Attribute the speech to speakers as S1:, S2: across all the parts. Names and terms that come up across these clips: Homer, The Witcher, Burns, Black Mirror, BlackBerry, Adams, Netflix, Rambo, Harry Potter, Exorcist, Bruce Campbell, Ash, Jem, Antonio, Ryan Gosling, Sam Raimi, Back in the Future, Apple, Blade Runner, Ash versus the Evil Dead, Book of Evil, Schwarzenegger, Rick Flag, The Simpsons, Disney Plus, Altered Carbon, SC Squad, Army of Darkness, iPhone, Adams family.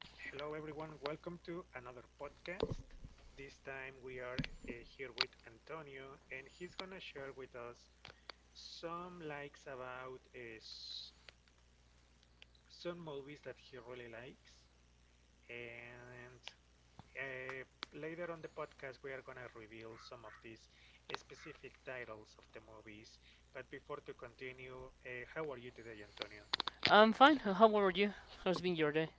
S1: Hello, everyone. Welcome to another podcast. This time we are here with Antonio, and he's gonna share with us some likes about some movies that he really likes. And Later on the podcast, we are gonna reveal some of these specific titles of the movies. But before to continue, how are you today, Antonio?
S2: I'm fine. How were you? How's been your day?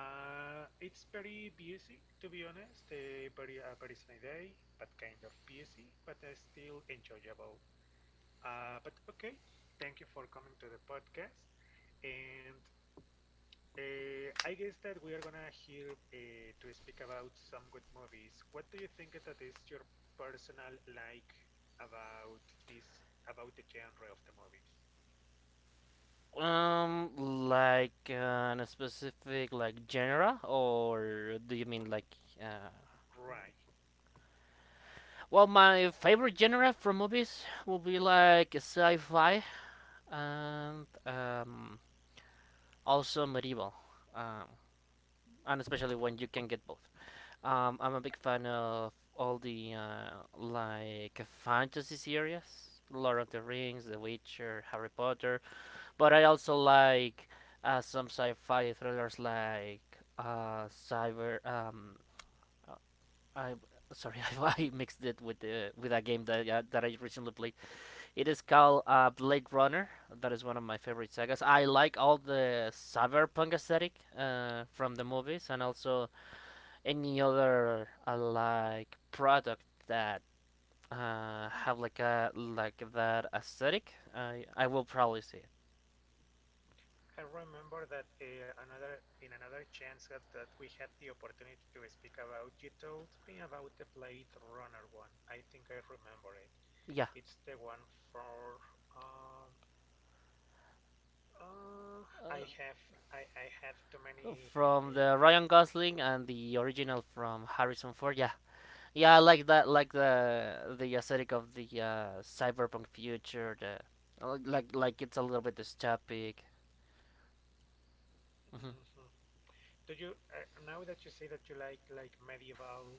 S1: It's very busy, to be honest. A very sunny day, but kind of busy, but still enjoyable. But Okay, thank you for coming to the podcast. And I guess that we are gonna hear to speak about some good movies. What do you think that is your personal like about this about the genre of the movies?
S2: Like in a specific like genre, or do you mean like? Uh...
S1: Right.
S2: Well, my favorite genre from movies will be like sci-fi and also medieval, um, and especially when you can get both. I'm a big fan of all the like fantasy series, Lord of the Rings, The Witcher, Harry Potter. But I also like some sci-fi thrillers like Cyber. Uh, I Sorry, I mixed it with a game that that I recently played. It is called Blade Runner. That is one of my favorite sagas. I like all the cyberpunk aesthetic from the movies, and also any other like product that have like a like that aesthetic. I will probably see it.
S1: I remember that another in another chance that we had the opportunity to speak about, you told me about the Blade Runner one. I think I remember it.
S2: Yeah,
S1: It's the one for um, uh, I have I have too many uh,
S2: from the Ryan Gosling and the original from Harrison Ford. Yeah, yeah, I like that, like the aesthetic of the cyberpunk future. The like it's a little bit dystopic. Mhm,
S1: mhm, do you now that you say that you like medieval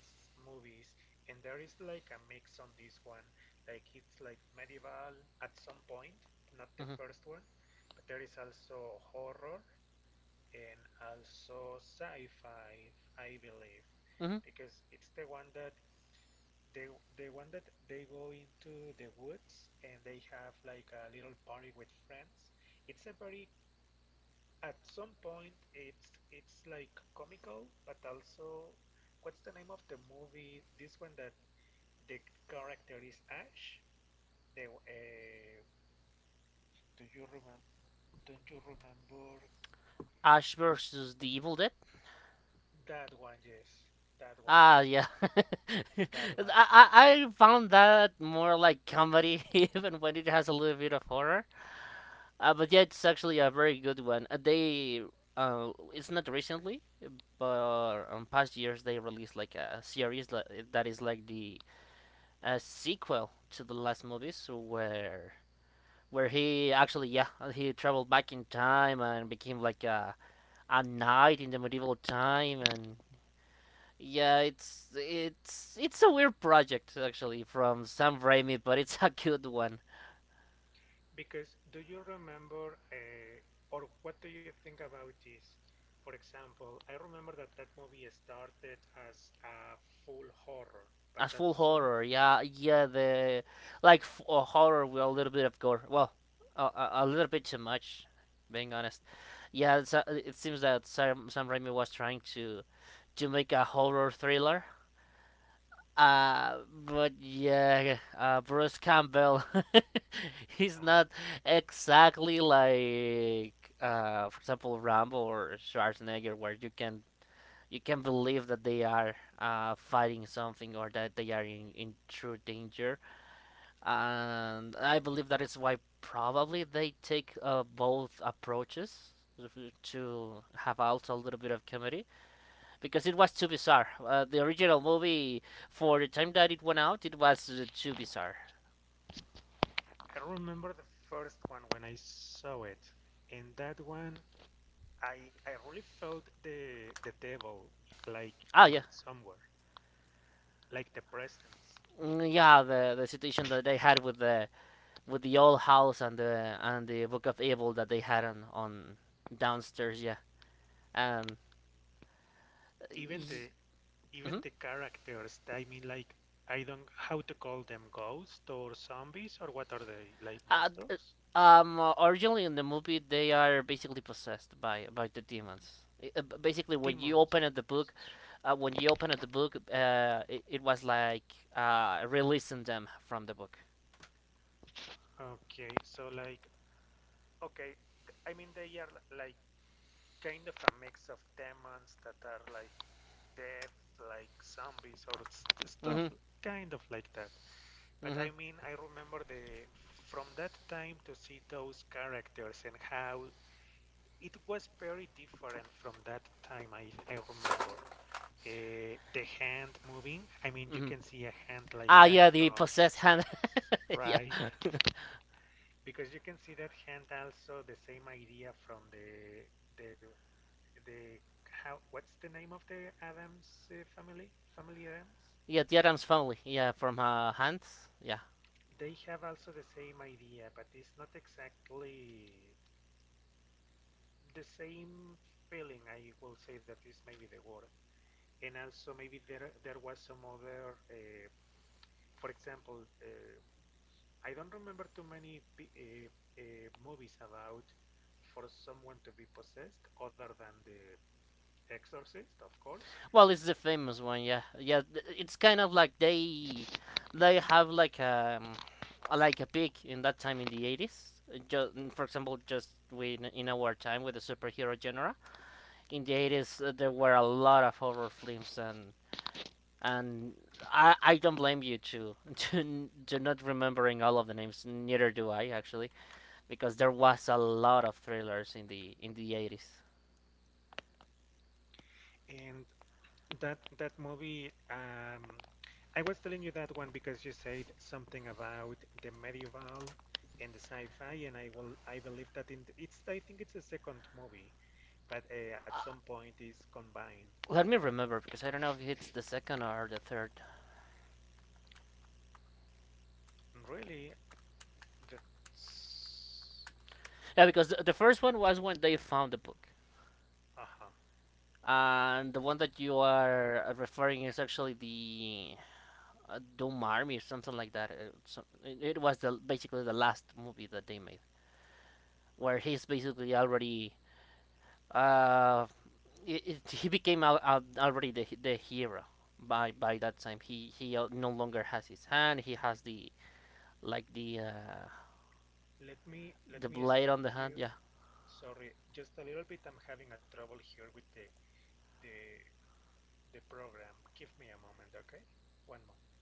S1: movies, and there is like a mix on this one, like it's like medieval at some point, not the
S2: mhm,
S1: first one, but there is also horror and also sci-fi, I believe,
S2: mhm.
S1: because it's the one that they they go into the woods and they have like a little party with friends. It's a very, at some point it's like comical, but also, what's the name of the movie? This one that the character is Ash. The Do you remember? Don't you remember
S2: Ash versus the Evil Dead.
S1: that one? Yes, that one,
S2: Ah, yeah.
S1: that one.
S2: I found that more like comedy even when it has a little bit of horror. But yeah, it's actually a very good one. They It's not recently, but
S1: Mhm.
S2: on past years they released like a series that is like the sequel to the last movies, where he actually yeah he traveled back in time and became like a knight in the medieval time and. Yeah, it's a weird project actually from Sam Raimi, but it's a good one.
S1: Because do you remember, or what do you think about this? For example, I remember that that movie started as a full horror, but
S2: As
S1: at
S2: full
S1: some,
S2: horror, yeah, yeah, the like horror with a little bit of gore. Well, a little bit too much, being honest. Yeah, it's, it seems that Sam Raimi was trying to make a horror thriller.
S1: mhm.
S2: Uh, but yeah, Bruce Campbell, he's
S1: Uh-huh.
S2: not exactly like, for example, Rambo or Schwarzenegger, where you can believe that they are fighting something or that they are in true danger and I believe that is why probably they take both approaches to have also a little bit of comedy because it was too bizarre. The original movie, for the time that it went out, it was too bizarre.
S1: I remember the first one when I saw it, and that one, I really felt the devil like
S2: Ah,
S1: in
S2: yeah.
S1: somewhere, like the presence.
S2: Mm, yeah, the situation that they had with the old house and the Book of Evil that they had on downstairs, yeah, and. uh,
S1: Even
S2: y-
S1: the, even
S2: mhm.
S1: the characters. I mean, like I don't how to call them, ghosts or zombies or what are they, like
S2: Uh, d-
S1: monsters,
S2: Originally in the movie, they are basically possessed by the demons. I- b- basically, when you
S1: demons.
S2: open up the book, When you open up the book, it, it was like releasing them from the book.
S1: Okay, so like, okay, I mean they are like kind of a mix of demons that are like death, like zombies or
S2: Mm-hmm.
S1: stuff kind of like that. But
S2: Mm-hmm.
S1: I mean, I remember the from that time to see those characters and how it was very different from that time. I remember the hand moving. I mean, you
S2: Mm-hmm.
S1: can see a hand like
S2: Ah,
S1: that
S2: yeah, the
S1: from,
S2: possessed hand. yeah,
S1: right. Because you can see that hand also the same idea from the the how, what's the name of the Adams family? Family Adams.
S2: yeah, the Adams family. Yeah, from hands. Yeah.
S1: They have also the same idea, but it's not exactly the same feeling. I will say that is maybe the word. And also, maybe there was some other, for example, I don't remember too many uh, movies about for someone to be possessed other than the Exorcist, of course.
S2: Well, it's the famous one, yeah, yeah. It's kind of like they have like a peak in that time in the 80s. Just for example, just when in our time with the superhero genre in the 80s, there were a lot of horror films, and I don't blame you to to not remembering all of the names. Neither do I actually, because there was a lot of thrillers in the 80s.
S1: And that that movie, I was telling you that one because you said something about the medieval and the sci-fi, and I will, I believe that in the, it's, I think it's the second movie, but at some point is combined.
S2: Let me remember because I don't know if it's the second or the third.
S1: Really, that's,
S2: Yeah, because first one was when they found the book,
S1: uh-huh.
S2: and the one that you are referring is actually the Doom Army or something like that. So, it was the basically the last movie that they made, where he's basically already uh he became already the hero by that time. He No longer has his hand. He has the like
S1: Let me
S2: the blade
S1: stop
S2: on the hand.
S1: you.
S2: Yeah,
S1: Sorry, just a little bit. I'm having a trouble here with the the program. Give me a moment, okay? One moment.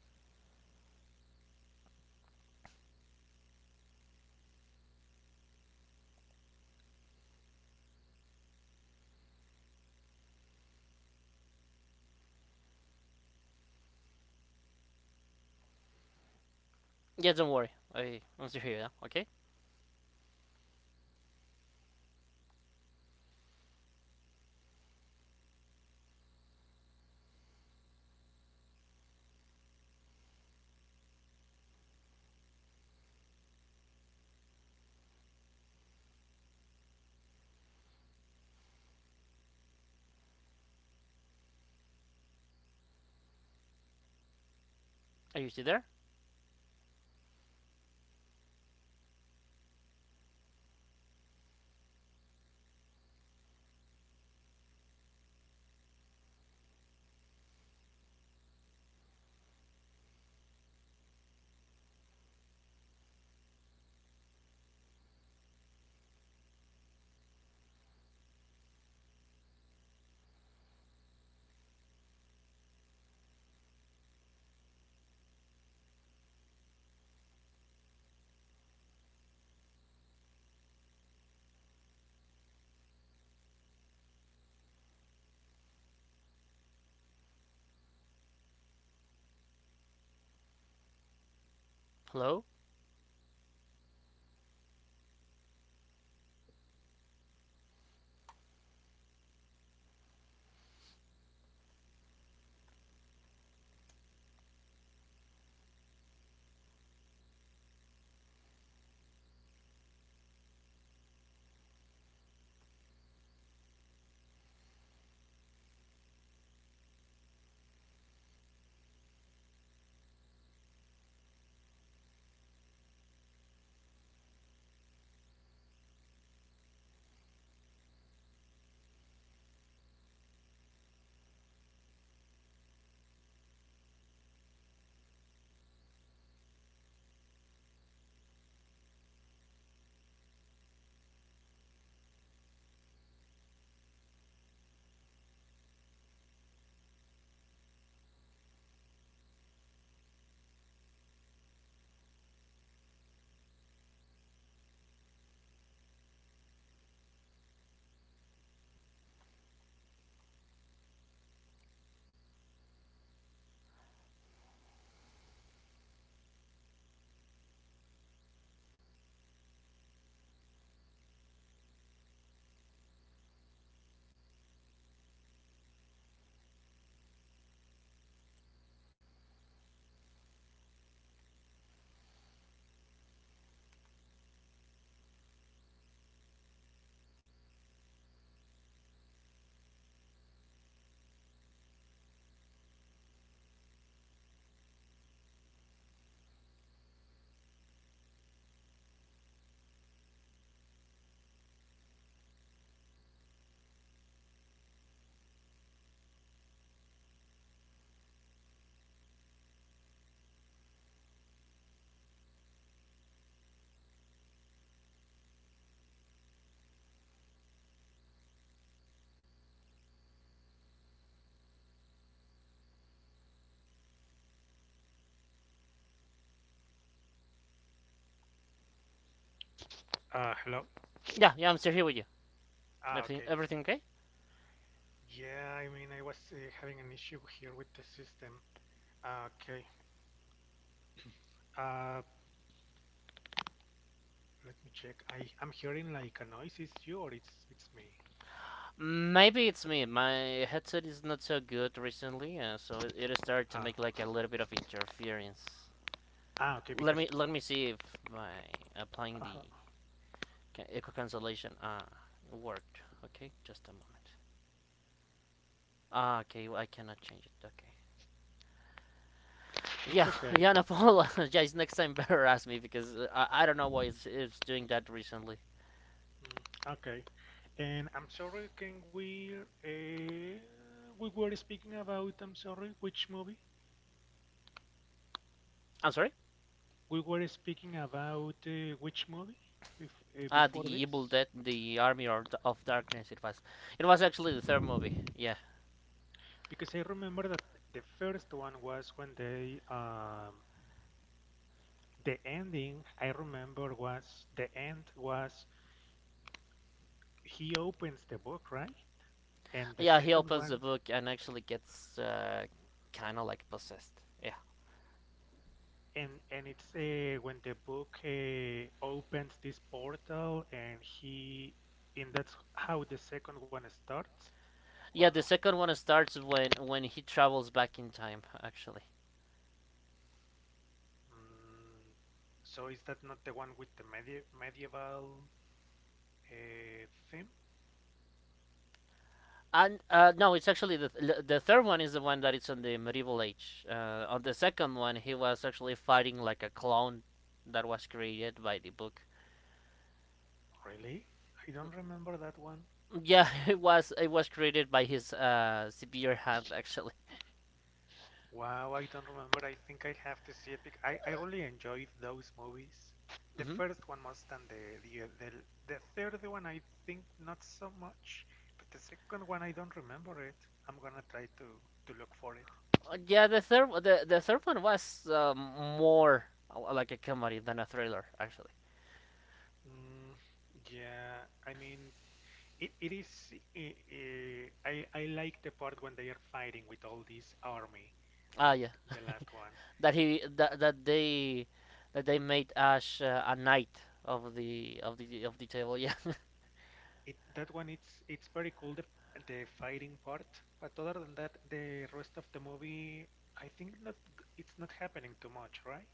S2: yeah. Don't worry. I'm still here. Yeah? Okay. Are you still there? Hello.
S1: Hello.
S2: Yeah, yeah. I'm still here with you.
S1: Ah,
S2: Everything,
S1: okay.
S2: everything okay?
S1: Yeah, I mean, I was having an issue here with the system. Ah, okay, uh, let me check. I'm hearing like a noise. Is you or it's me?
S2: Maybe it's me. My headset is not so good recently, so it started to
S1: Ah,
S2: make like a little bit of interference.
S1: ah, okay,
S2: Let
S1: because
S2: me let me see if by applying the
S1: uh,
S2: echo cancellation it worked. Okay, just a moment. Ah, okay, well, I cannot change it. Okay.
S1: it's
S2: Yeah,
S1: okay.
S2: yeah, no, Paul, guys, next time better ask me because I don't know why it's doing that recently.
S1: Mm, okay, and I'm sorry. Can uh, we were speaking about? I'm sorry. Which movie?
S2: I'm sorry.
S1: We were speaking about which movie
S2: Ah,
S1: before
S2: the Evil
S1: this?
S2: Dead, the Army of Darkness. It was actually the third movie. Yeah.
S1: Because I remember that the first one was when they um, the ending I remember was the end was he opens the book, right? And the
S2: Yeah, he
S1: second
S2: opens
S1: one,
S2: the book and actually gets kind of like possessed. Yeah.
S1: and it's when the book opens this portal, and he, and that's how the second one starts, or
S2: Yeah,
S1: no?
S2: the second one starts when he travels back in time actually.
S1: Mm, so is that not the one with the medieval uh, theme?
S2: And No, it's actually the third one is the one that it's on the medieval age. On the second one, he was actually fighting like a clone that was created by the book.
S1: Really? I don't remember that one.
S2: Yeah, it was created by his severe hand actually.
S1: Wow, I don't remember. I think I have to see it because I really enjoyed those movies. The
S2: hmm.
S1: first one most than the third one I think not so much, but the second one I don't remember it. I'm gonna try to look for it.
S2: Yeah, the third one was more like a comedy than a thriller actually.
S1: Mm, yeah, I mean it is, I like the part when they are fighting with all this army
S2: Ah,
S1: at
S2: yeah.
S1: the last one.
S2: That he that, that they made Ash a knight of the of the of the table. Yeah.
S1: It that one, it's very cool, the fighting part, but other than that, the rest of the movie, I think not, it's not happening too much, right?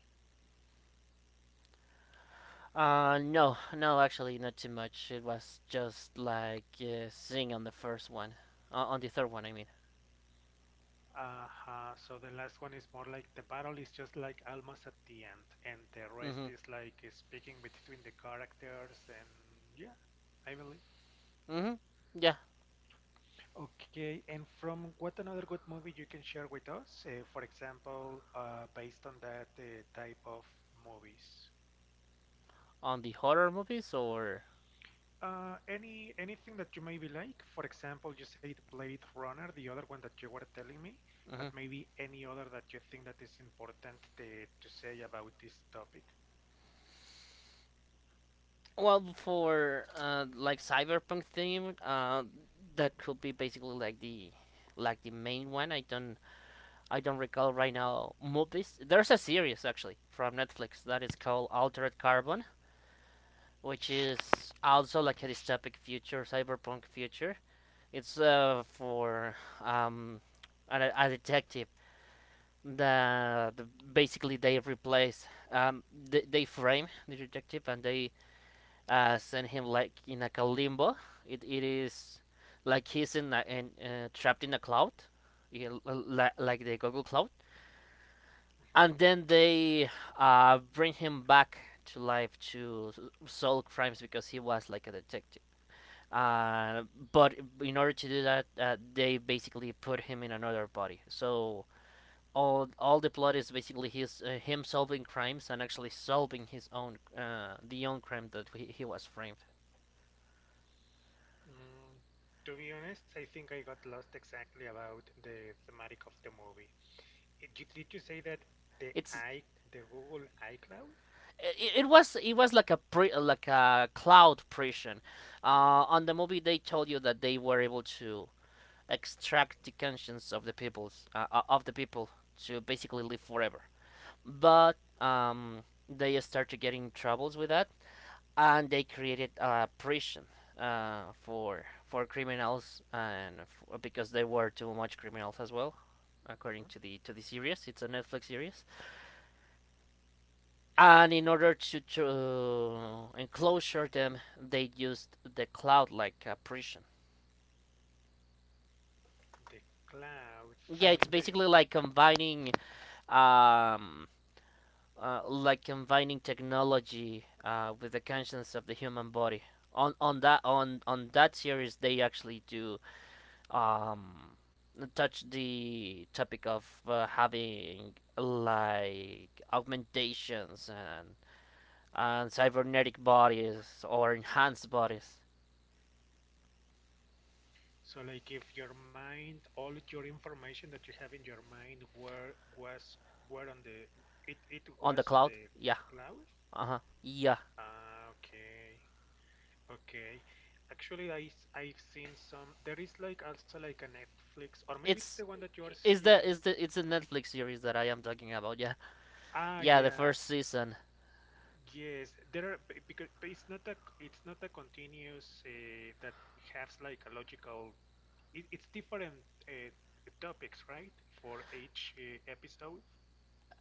S2: No, no, actually, not too much. It was just like seeing on the first one, on the third one. I mean.
S1: Uh-huh. So the last one is more like the battle is just like almost at the end, and the rest
S2: Mhm.
S1: is like speaking between the characters, and yeah, I believe.
S2: Mhm. Yeah.
S1: Okay, and from what another good movie you can share with us, for example, based on that type of movies?
S2: On the horror movies or.
S1: Any anything that you maybe like? For example, you said Blade Runner, the other one that you were telling me, but
S2: Mhm.
S1: maybe any other that you think that is important to say about this topic.
S2: Well, for like cyberpunk theme, that could be basically like the main one. I don't recall right now movies. There's a series actually from Netflix that is called Altered Carbon, which is also like a dystopic future, cyberpunk future. It's for um, a detective. The Basically they replace they frame the detective and they send him like in like a limbo. It is like he's in trapped in a cloud, like the Google Cloud
S1: Mhm.
S2: and then they bring him back to life to solve crimes because he was like a detective. Uh, but in order to do that, they basically put him in another body. So all the plot is basically his him solving crimes and actually solving his own the own crime that he was framed.
S1: Mm, to be honest, I think I got lost exactly about the thematic of the movie. Did you say that the
S2: It's
S1: I the Google iCloud,
S2: it was like like a cloud prison. On the movie, they told you that they were able to extract the conscience of the peoples of the people to basically live forever. But they started getting troubles with that, and they created a prison for criminals and because they were too much criminals as well according
S1: mhm,
S2: to the series. It's a Netflix series, and in order to enclosure them, they used the cloud like a prison.
S1: the cloud? I
S2: Yeah,
S1: mean
S2: it's
S1: the,
S2: basically um, like combining technology with the conscience of the human body. On that series, they actually do um, touch the topic of having like augmentations and cybernetic bodies or enhanced bodies
S1: so like if your mind, all your information that you have in your mind were was were on the, it
S2: on the
S1: was on
S2: cloud.
S1: the
S2: Yeah,
S1: cloud?
S2: uh huh, yeah.
S1: Ah, okay. Okay. Actually, I've seen some, there is like also like a Netflix, or maybe it's the
S2: It's
S1: one that you are saying.
S2: is the It's a Netflix series that I am talking about. Yeah,
S1: Ah,
S2: yeah. The
S1: yeah.
S2: first season.
S1: Yes, there are because but it's not a, it's not a continuous that has like a logical, it, it's different topics, right? For each episode.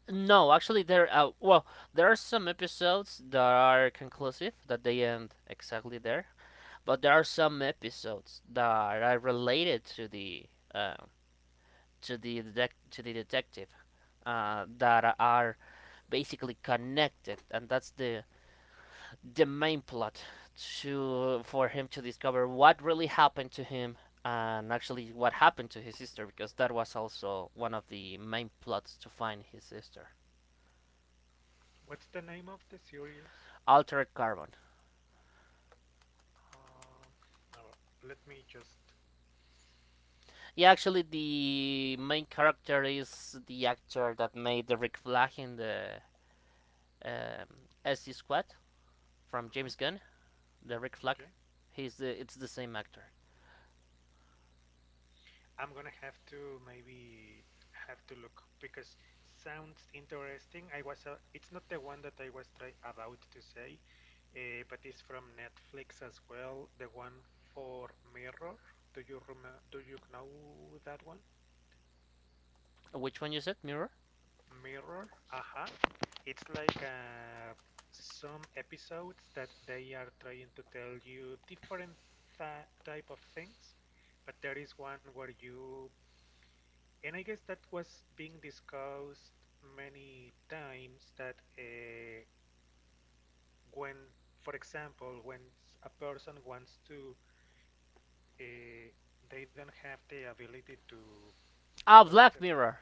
S2: No, actually, there. Well, there are some episodes that are conclusive that they end exactly there, but there are some episodes that are related to the uh, to to the detective that are basically connected, and that's the main plot to for him to discover what really happened to him and actually what happened to his sister because that was also one of the main plots to find his sister.
S1: What's the name of the series?
S2: Altered Carbon.
S1: Um, let me just.
S2: Yeah, actually, the main character is the actor that made the Rick Flag in the SC Squad from
S1: Mhm,
S2: James Gunn. The Rick Flag,
S1: okay.
S2: he's the It's the same actor.
S1: I'm gonna have to maybe have to look because sounds interesting. I was. It's not the one that I was try about to say, but it's from Netflix as well. The one for Mirror. Do you remember? Do you know that one?
S2: Which one you said? Mirror?
S1: Mirror, aha. It's like some episodes that they are trying to tell you different type of things, but there is one where you, and I guess that was being discussed many times that when, for example, when a person wants to, uh, they don't have the ability to,
S2: Ah,
S1: what's the,
S2: Black Mirror.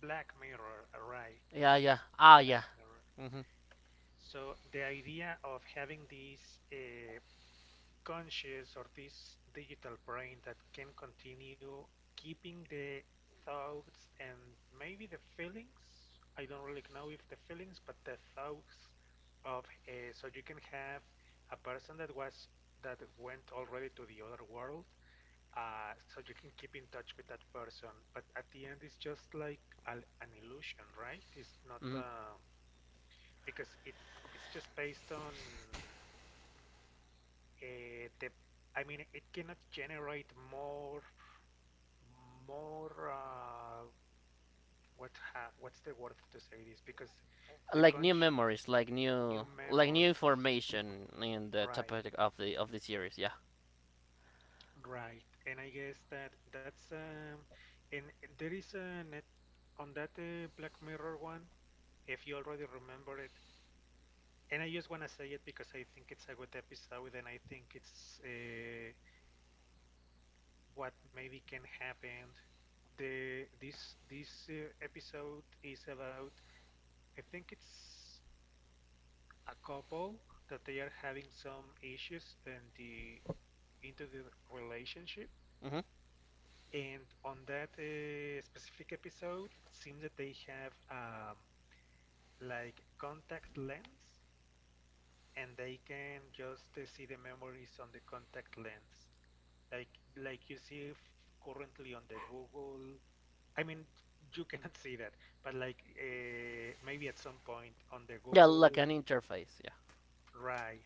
S1: Black Mirror, right?
S2: Yeah, yeah. Ah,
S1: Black
S2: yeah.
S1: Mirror.
S2: Mm-hmm.
S1: So the idea of having this conscious or this digital brain that can continue keeping the thoughts and maybe the feelings, I don't really know if the feelings, but the thoughts of so you can have a person that was that went already to the other world, so you can keep in touch with that person. But at the end, it's just like a, an illusion, right? It's not.
S2: hmm.
S1: Because it's just based on the I mean it cannot generate more more uh, what what's the word to say this because the
S2: Like new
S1: conch,
S2: memories,
S1: new
S2: like new
S1: memories,
S2: information in the
S1: right,
S2: topic of the series. Yeah.
S1: right. And I guess that that's um, and there is a net, on that Black Mirror one, if you already remember it, and I just want to say it because I think it's a good episode and I think it's what maybe can happen. The this this episode is about, I think it's a couple that they are having some issues in the, into the relationship,
S2: hmm.
S1: and on that specific episode it seems that they have like contact lens, and they can just see the memories on the contact lens, like like you see currently on the Google. I mean, you cannot see that, but like maybe at some point on the
S2: Yeah, like
S1: Google,
S2: an interface. Yeah.
S1: right?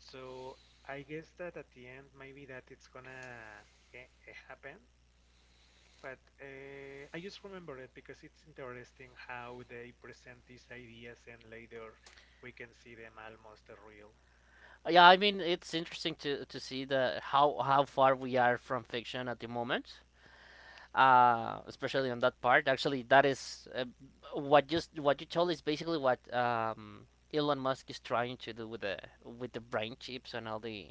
S1: So I guess that at the end, maybe that it's gonna eh, happen. But I just remember it because it's interesting how they present these ideas and later we can see them almost real.
S2: Yeah, I mean it's interesting to see the how far we are from fiction at the moment, especially on that part. Actually, that is what you told is basically what Elon Musk is trying to do with the brain chips and all the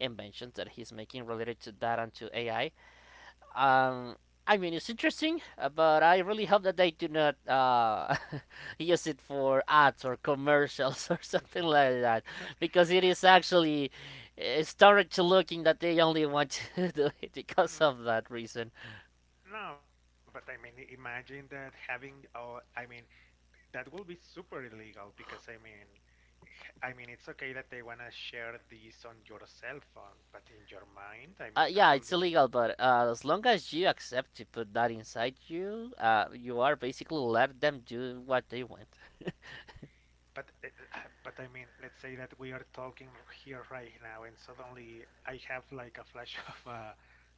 S2: inventions that he's making related to that and to AI. Um, I mean, it's interesting, but I really hope that they do not use it for ads or commercials or something like that, because it is actually it started to looking that they only want to do it because of that reason.
S1: No, but I mean, imagine that having, oh, I mean, that will be super illegal because I mean, it's okay that they want to share this on your cell phone, but in your mind, I mean, that
S2: Yeah,
S1: will
S2: it's
S1: be.
S2: illegal, but as long as you accept to put that inside you, you are basically let them do what they want.
S1: But, but I mean, let's say that we are talking here right now, and suddenly I have like a flash of a,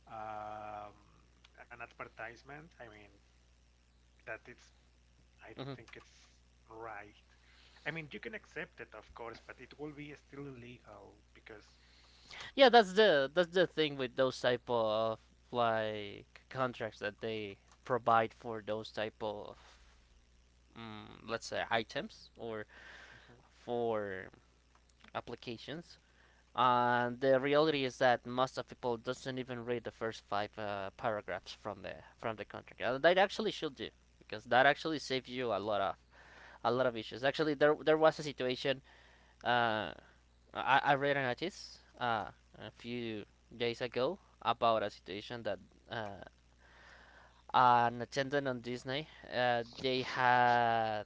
S1: um, an advertisement. I mean, that it's. I don't
S2: Mhm.
S1: think it's right. I mean, you can accept it, of course, but it will be still illegal because.
S2: Yeah, that's the thing with those type of like contracts that they provide for those type of let's say items or
S1: Mhm,
S2: for applications. And the reality is that most of people doesn't even read the first five paragraphs from the contract. That actually should do because that actually saves you a lot of issues. Actually, there was a situation. Uh, I read an artist a few days ago about a situation that uh, an attendant on Disney they had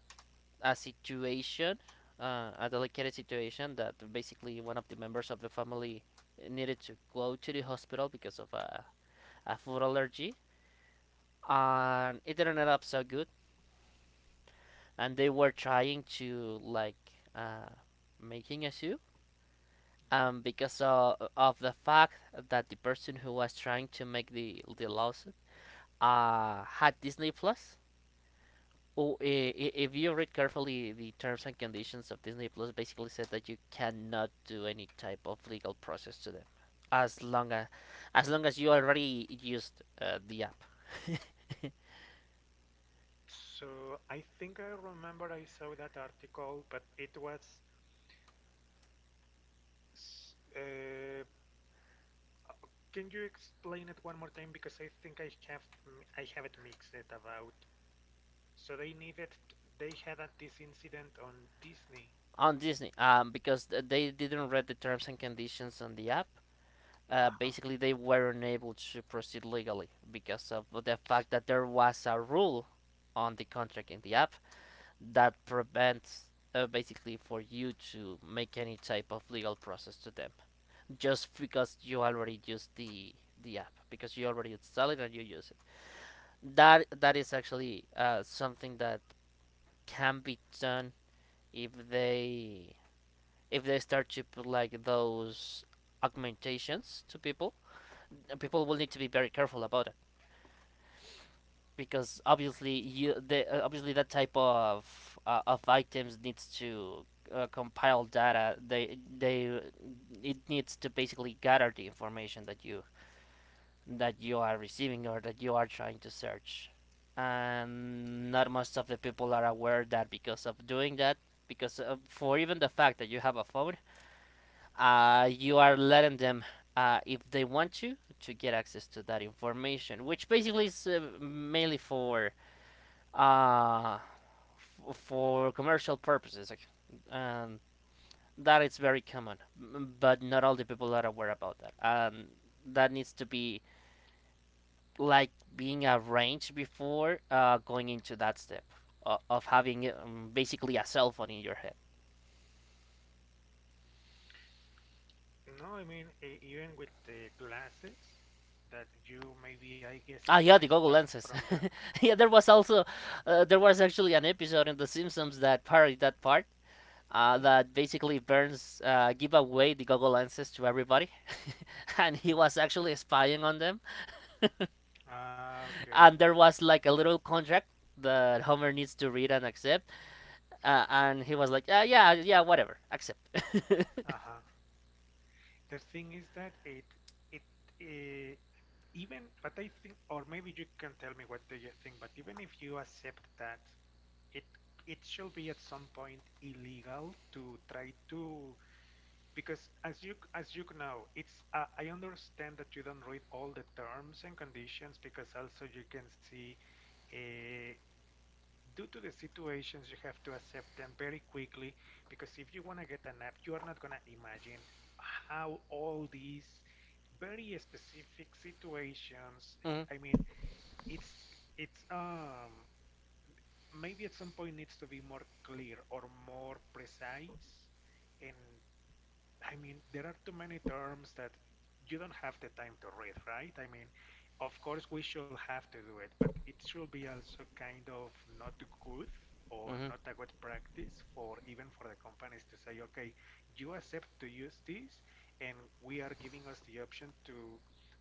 S2: a situation, a delicate situation that basically one of the members of the family needed to go to the hospital because of a food allergy, and it didn't end up so good. And they were trying to like making a suit
S1: mhm.
S2: because of the fact that the person who was trying to make the lawsuit had Disney Plus. Oh, if you read carefully, the terms and conditions of Disney Plus basically said that you cannot do any type of legal process to them, as long as as long as you already used the app.
S1: So I think I remember I saw that article, but it was S- Uh, can you explain it one more time? Because I think I have I have it mixed it about. So they needed they had this incident on Disney.
S2: On Disney. Because they didn't read the terms and conditions on the app,
S1: Uh-huh.
S2: basically they weren't able to proceed legally because of the fact that there was a rule on the contract in the app that prevents basically for you to make any type of legal process to them just because you already used the app because you already install it and you use it. That is actually something that can be done. If they if they start to put like those augmentations to people, people will need to be very careful about, because obviously you the obviously that type of items needs to compile data. They it needs to basically gather the information that you are receiving or that you are trying to search, and not most of the people are aware that because of doing that. Because for even the fact that you have a phone, you are letting them, if they want to get access to that information, which basically is mainly for uh, for commercial purposes. And that is very common, but not all the people are aware about that. And that needs to be like being arranged before going into that step of having basically a cell phone in your head.
S1: No, I mean even with the glasses that you maybe I guess is
S2: Ah, yeah,
S1: gonna
S2: the Google
S1: start
S2: lenses.
S1: from there.
S2: Yeah, there was also there was actually an episode in The Simpsons that parodied that part.
S1: Mhm,
S2: That basically Burns give away the Google lenses to everybody, and he
S1: mhm.
S2: was actually spying on them.
S1: Ah, okay.
S2: And there was like a little contract that Homer needs to read and accept, and he was like, "Yeah, yeah, whatever, accept."
S1: Uh-huh. The thing is that it uh, even but I think, or maybe you can tell me what do you think, but even if you accept that. it it should be at some point illegal to try to, because as you know, it's I understand that you don't read all the terms and conditions, because also you can see uh, due to the situations you have to accept them very quickly, because if you want to get an app you are not going to imagine how all these very specific situations.
S2: Hmm.
S1: I mean it's it's um maybe at some point needs to be more clear or more precise. And I mean, there are too many terms that you don't have the time to read, right? I mean, of course we should have to do it, but it should be also kind of not good, or
S2: Hmm.
S1: not a good practice, for even for the companies to say, okay, you accept to use this, and we are giving us the option to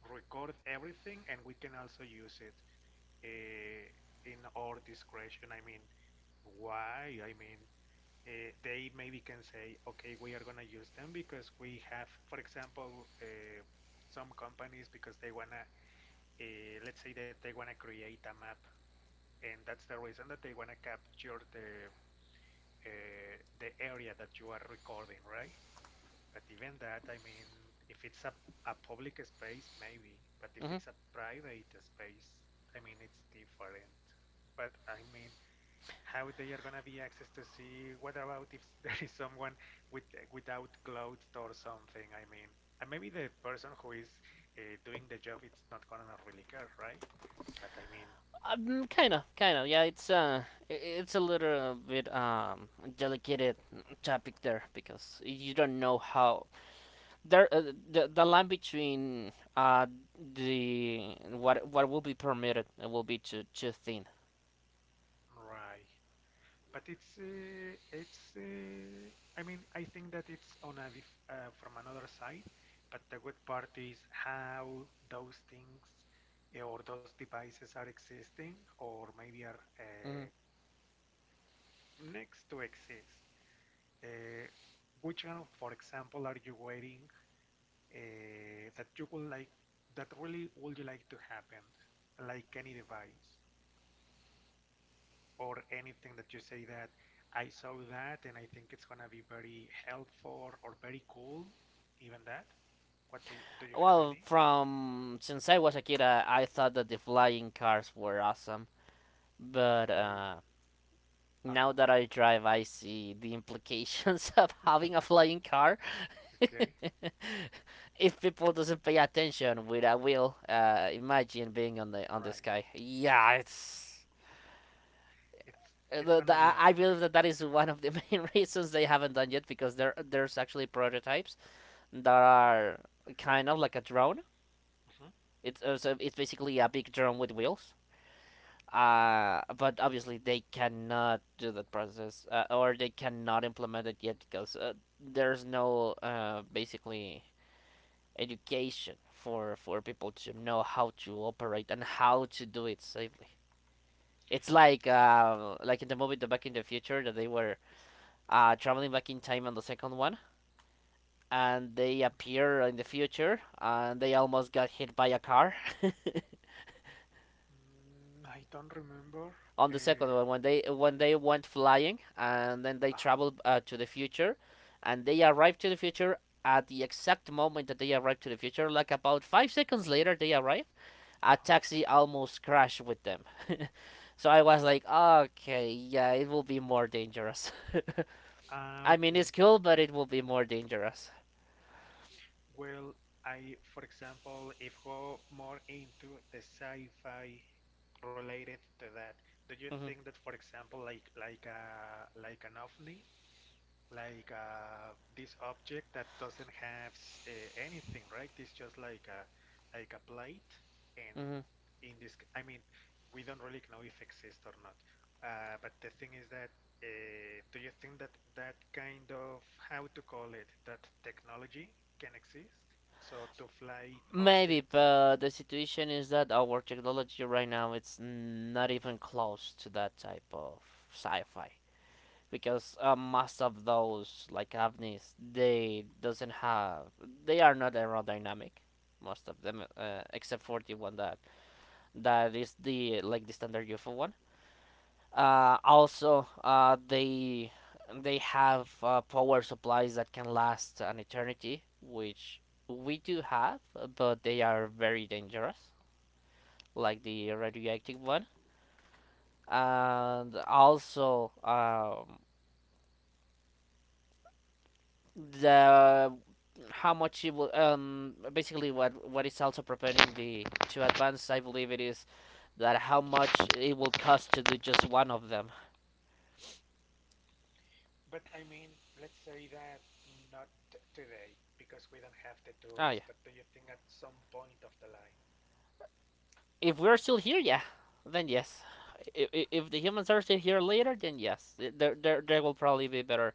S1: record everything, and we can also use it in our discretion. I mean, why? I mean, they maybe can say, okay, we are going to use them because we have, for example, some companies because they want to, let's say that they want to create a map, and that's the reason that they want to capture the area that you are recording, right? But even that, I mean, if it's a public space, maybe, but if
S2: Hmm.
S1: it's a private space, I mean, it's different. But I mean, how they are gonna be access to see what about if there is someone with without clothes or something, I mean, and maybe the person who is doing the job it's not gonna really care, right? But I mean,
S2: Kind of, kind of. Yeah, it's a little bit delicate topic there because you don't know how there uh, the line between the what will be permitted will be too too thin.
S1: right, but it's I mean, I think that it's on a from another side, but the good part is how those things, or those devices are existing, or maybe are
S2: Mhm.
S1: next to exist, uh, which one, for example, are you waiting, uh, that you would like, that really would you like to happen, like any device or anything that you say that I saw that and I think it's gonna be very helpful or very cool, even that? What do you have
S2: Well,
S1: any?
S2: from since I was a kid, I thought that the flying cars were awesome,
S1: The
S2: but
S1: flying. Uh-huh.
S2: now that I drive, I see the implications of having a flying car.
S1: Okay.
S2: If people doesn't pay attention with a wheel, imagine being on the
S1: Right.
S2: sky. Yeah, it's
S1: It's it's gonna be a
S2: I
S1: mess.
S2: believe that that is one of the main reasons they haven't done yet because there's actually prototypes that are kind of like a drone.
S1: Mhm.
S2: It's so it's basically a big drone with wheels. But obviously they cannot do that process or they cannot implement it yet because there's no basically education for people to know how to operate and how to do it safely. It's like in the movie The Back in the Future that they were traveling back in time on the second one, and they
S1: Mhm.
S2: appear in the future, and they almost got hit by a car
S1: Mm, I don't remember.
S2: on the
S1: Eh,
S2: second one when they went flying, and then they
S1: uh-huh.
S2: traveled to the future, and they arrived to the future at the exact moment that they arrived to the future, like about 5 seconds later they arrived. A
S1: Uh-huh.
S2: taxi almost crashed with them. So I was like, okay, yeah, it will be more dangerous.
S1: Ah,
S2: I mean, it's
S1: okay.
S2: cool, but it will be more dangerous.
S1: Well, I, for example, if go more into the sci-fi related to that, do you
S2: Mm-hmm.
S1: think that, for example, like an ovni, like this object that doesn't have anything, right? It's just like a, like a plate, and
S2: Mm-hmm.
S1: in this, I mean, we don't really know if exists or not. But the thing is that, do you think that that kind of, how to call it, that technology can exist? So to fly
S2: Maybe,
S1: objects,
S2: but the situation is that our technology right now it's not even close to that type of sci-fi because most of those like ovnis they doesn't have they are not aerodynamic most of them except for the one that is the like the standard UFO one, also they have power supplies that can last an eternity, which we do have, but they are very dangerous, like the radioactive one. And also the how much it will basically what is also preparing the to advance, I believe it is that how much it will cost to do just one of them.
S1: but I mean, let's say that not today because we don't have the
S2: Oh yeah.
S1: tools. But do you think at some point of the line?
S2: If we're still here, yeah, then yes. If the humans are still here later, then yes, there will probably be better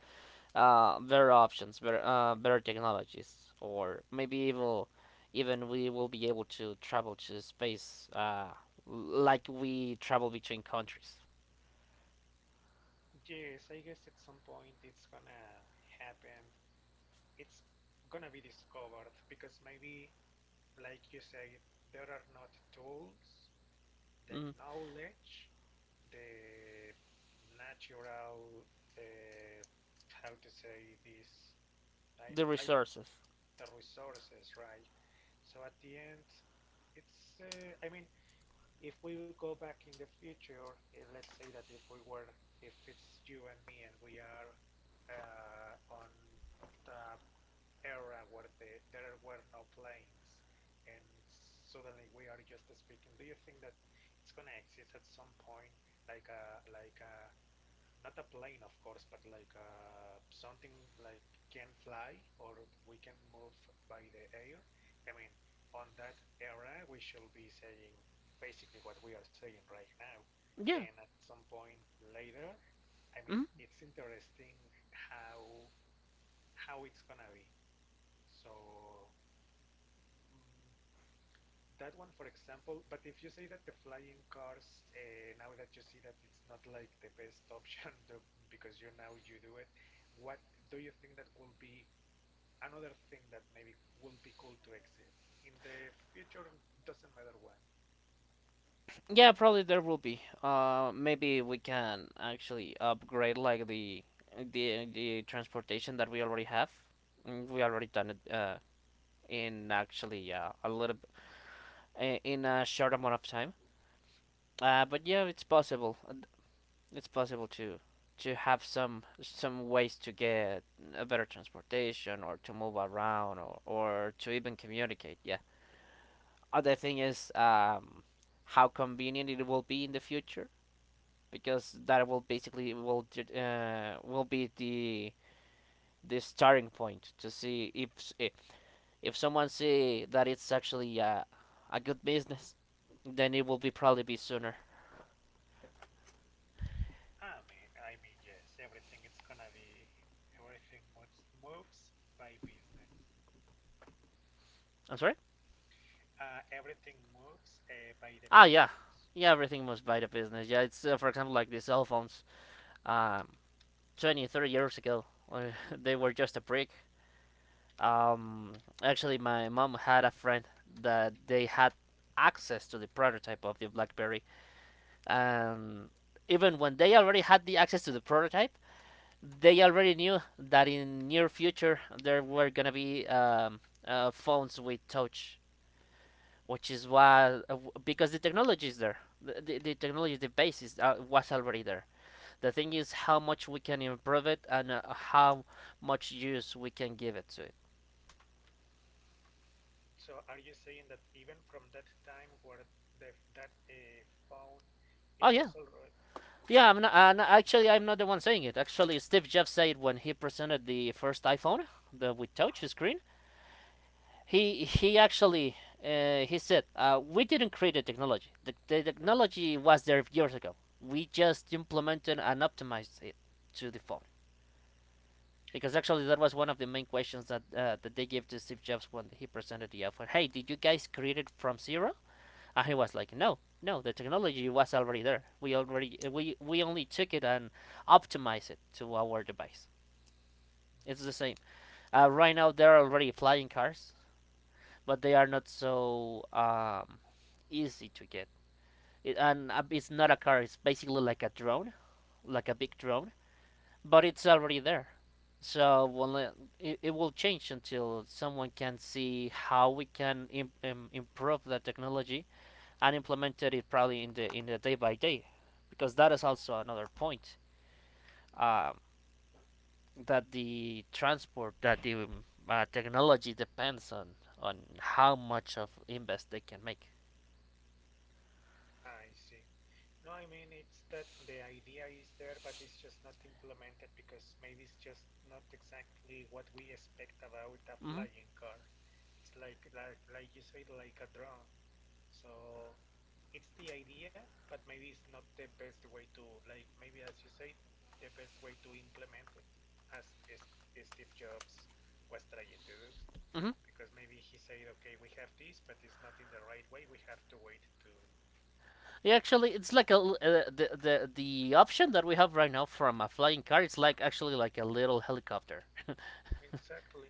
S2: better options, better technologies, or maybe even even we will be able to travel to space, like we travel between countries.
S1: Yes, I guess at some point it's gonna happen. It's gonna be discovered because maybe, like you said, there are not tools, the
S2: Mm,
S1: knowledge, the natural, uh, how to say this, I,
S2: the
S1: I don't,
S2: resources,
S1: the resources, right? So at the end, it's, I mean, if we go back in the future, and let's say that if we were, if it's you and me and we are on the era where the, there were no planes, and suddenly we are just speaking, do you think that it's gonna exist at some point, like a not a plane, of course, but like something like can fly, or we can move by the air. I mean, on that era, we should be saying basically what we are saying right now. And
S2: yeah.
S1: at some point later, I mean,
S2: Mm,
S1: it's interesting how how it's gonna be. So mm, that one, for example, but if you say that the flying cars, now that you see that it's not like the best option because you now you do it, what do you think that will be another thing that maybe will be cool to exist in the future? Doesn't matter when.
S2: yeah, probably there will be. Maybe we can actually upgrade like the transportation that we already have. Mm, we already done it in actually a little in a short amount of time.
S1: Mm-hmm.
S2: But yeah, it's possible. It's possible to have some ways to get a better transportation or to move around, or to even communicate. Yeah, other thing is how convenient it will be in the future, because that will basically will be the starting point to see if if, if someone see that it's actually a good business, then it will be probably be sooner.
S1: I mean, yes, everything it's gonna be, everything moves, moves by business.
S2: I'm sorry.
S1: Everything moves by the
S2: Ah yeah,
S1: business.
S2: yeah, everything must by the business. Yeah, it's for example like the cell phones, um, 20, 30 years ago when they were just a brick. Um, Actually, my mom had a friend that they had access to the prototype of the BlackBerry, and even when they already had the access to the prototype, they already knew that in near future there were gonna be phones with touch, which is why because the technology is there, the technology, the basis was already there. The thing
S1: Mm-hmm.
S2: is how much we can improve it, and how much use we can give it to it.
S1: So are you saying that even from that time where the that phone it
S2: Oh
S1: was
S2: yeah,
S1: already,
S2: yeah. I'm not. No, actually, I'm not the one saying it. Actually, Steve Jobs said when he presented the first iPhone, the with
S1: uh-huh.
S2: touch screen, he actually he said, we didn't create the technology. The technology was there years ago. We just implemented and optimized it to the phone. Because actually, that was one of the main questions that that they gave to Steve Jobs when he presented the iPhone. Hey, did you guys create it from zero? And he was like, no, no, the technology was already there. We already we only took it and optimized it to our device. It's the same.
S1: Hmm.
S2: Right now there are already flying cars, but they are not so easy to get. It's not a car. It's basically like a drone, like a big drone, but it's already there. So well, it will change until someone can see how we can improve the technology and implemented it probably in the day by day, because that is also another point, um, that the transport that the technology depends on how much of invest they can make.
S1: I see. No, I mean it's that the idea is there, but it's just not implemented because maybe it's just not exactly what we expect about a
S2: Hmm.
S1: flying car. It's like you said, like a drone. So it's the idea, but maybe it's not the best way to, like, maybe as you say, the best way to implement it, as, as as Steve Jobs was trying to do.
S2: Hmm.
S1: Because maybe he said, okay, we have this, but it's not in the right way. We have to wait to.
S2: Yeah, actually, it's like a the option that we have right now from a flying car. It's like actually like a little helicopter.
S1: Exactly.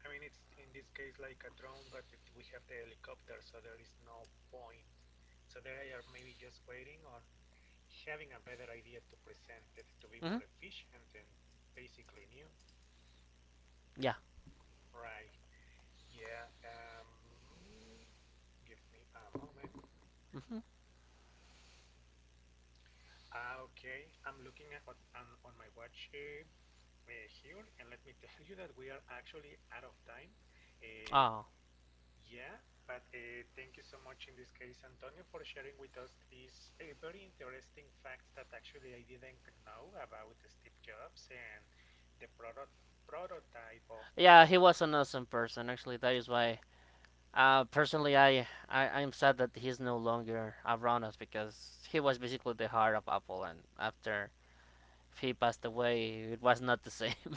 S1: I mean, it's in this case like a drone, but it, we have the helicopter, so there is no point. So they are maybe just waiting on having a better idea to present it to be more
S2: Hmm.
S1: efficient and basically new.
S2: Yeah.
S1: Right. Yeah. Give me a moment.
S2: Hmm.
S1: Ah, okay. I'm looking at on my watch here, and let me tell you that we are actually out of time. Uh,
S2: Oh.
S1: yeah, but thank you so much in this case, Antonio, for sharing with us these very interesting facts that actually I didn't know about Steve Jobs and the product prototype of the.
S2: Yeah, he was an awesome person. Actually, that is why. Personally, I'm sad that he's no longer around us because he was basically the heart of Apple, and after he passed away, it was not the same.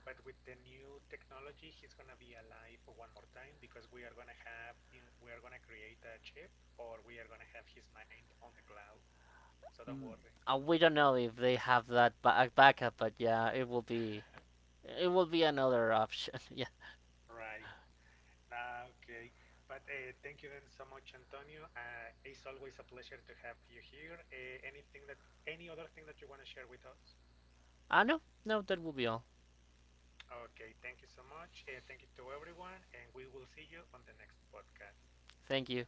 S1: But with the new technology, he's gonna be alive one more time, because we are gonna have, we are gonna create a chip, or we are gonna have his mind on the cloud. So don't worry.
S2: We don't know if they have that backup, but yeah, it will be another option. Yeah.
S1: Right. Ah, okay. But thank you then so much, Antonio. It's always a pleasure to have you here. Anything that, any other thing that you want to share with us?
S2: Ah no, no, that will be all.
S1: Okay, thank you so much. Thank you to everyone, and we will see you on the next podcast.
S2: Thank you.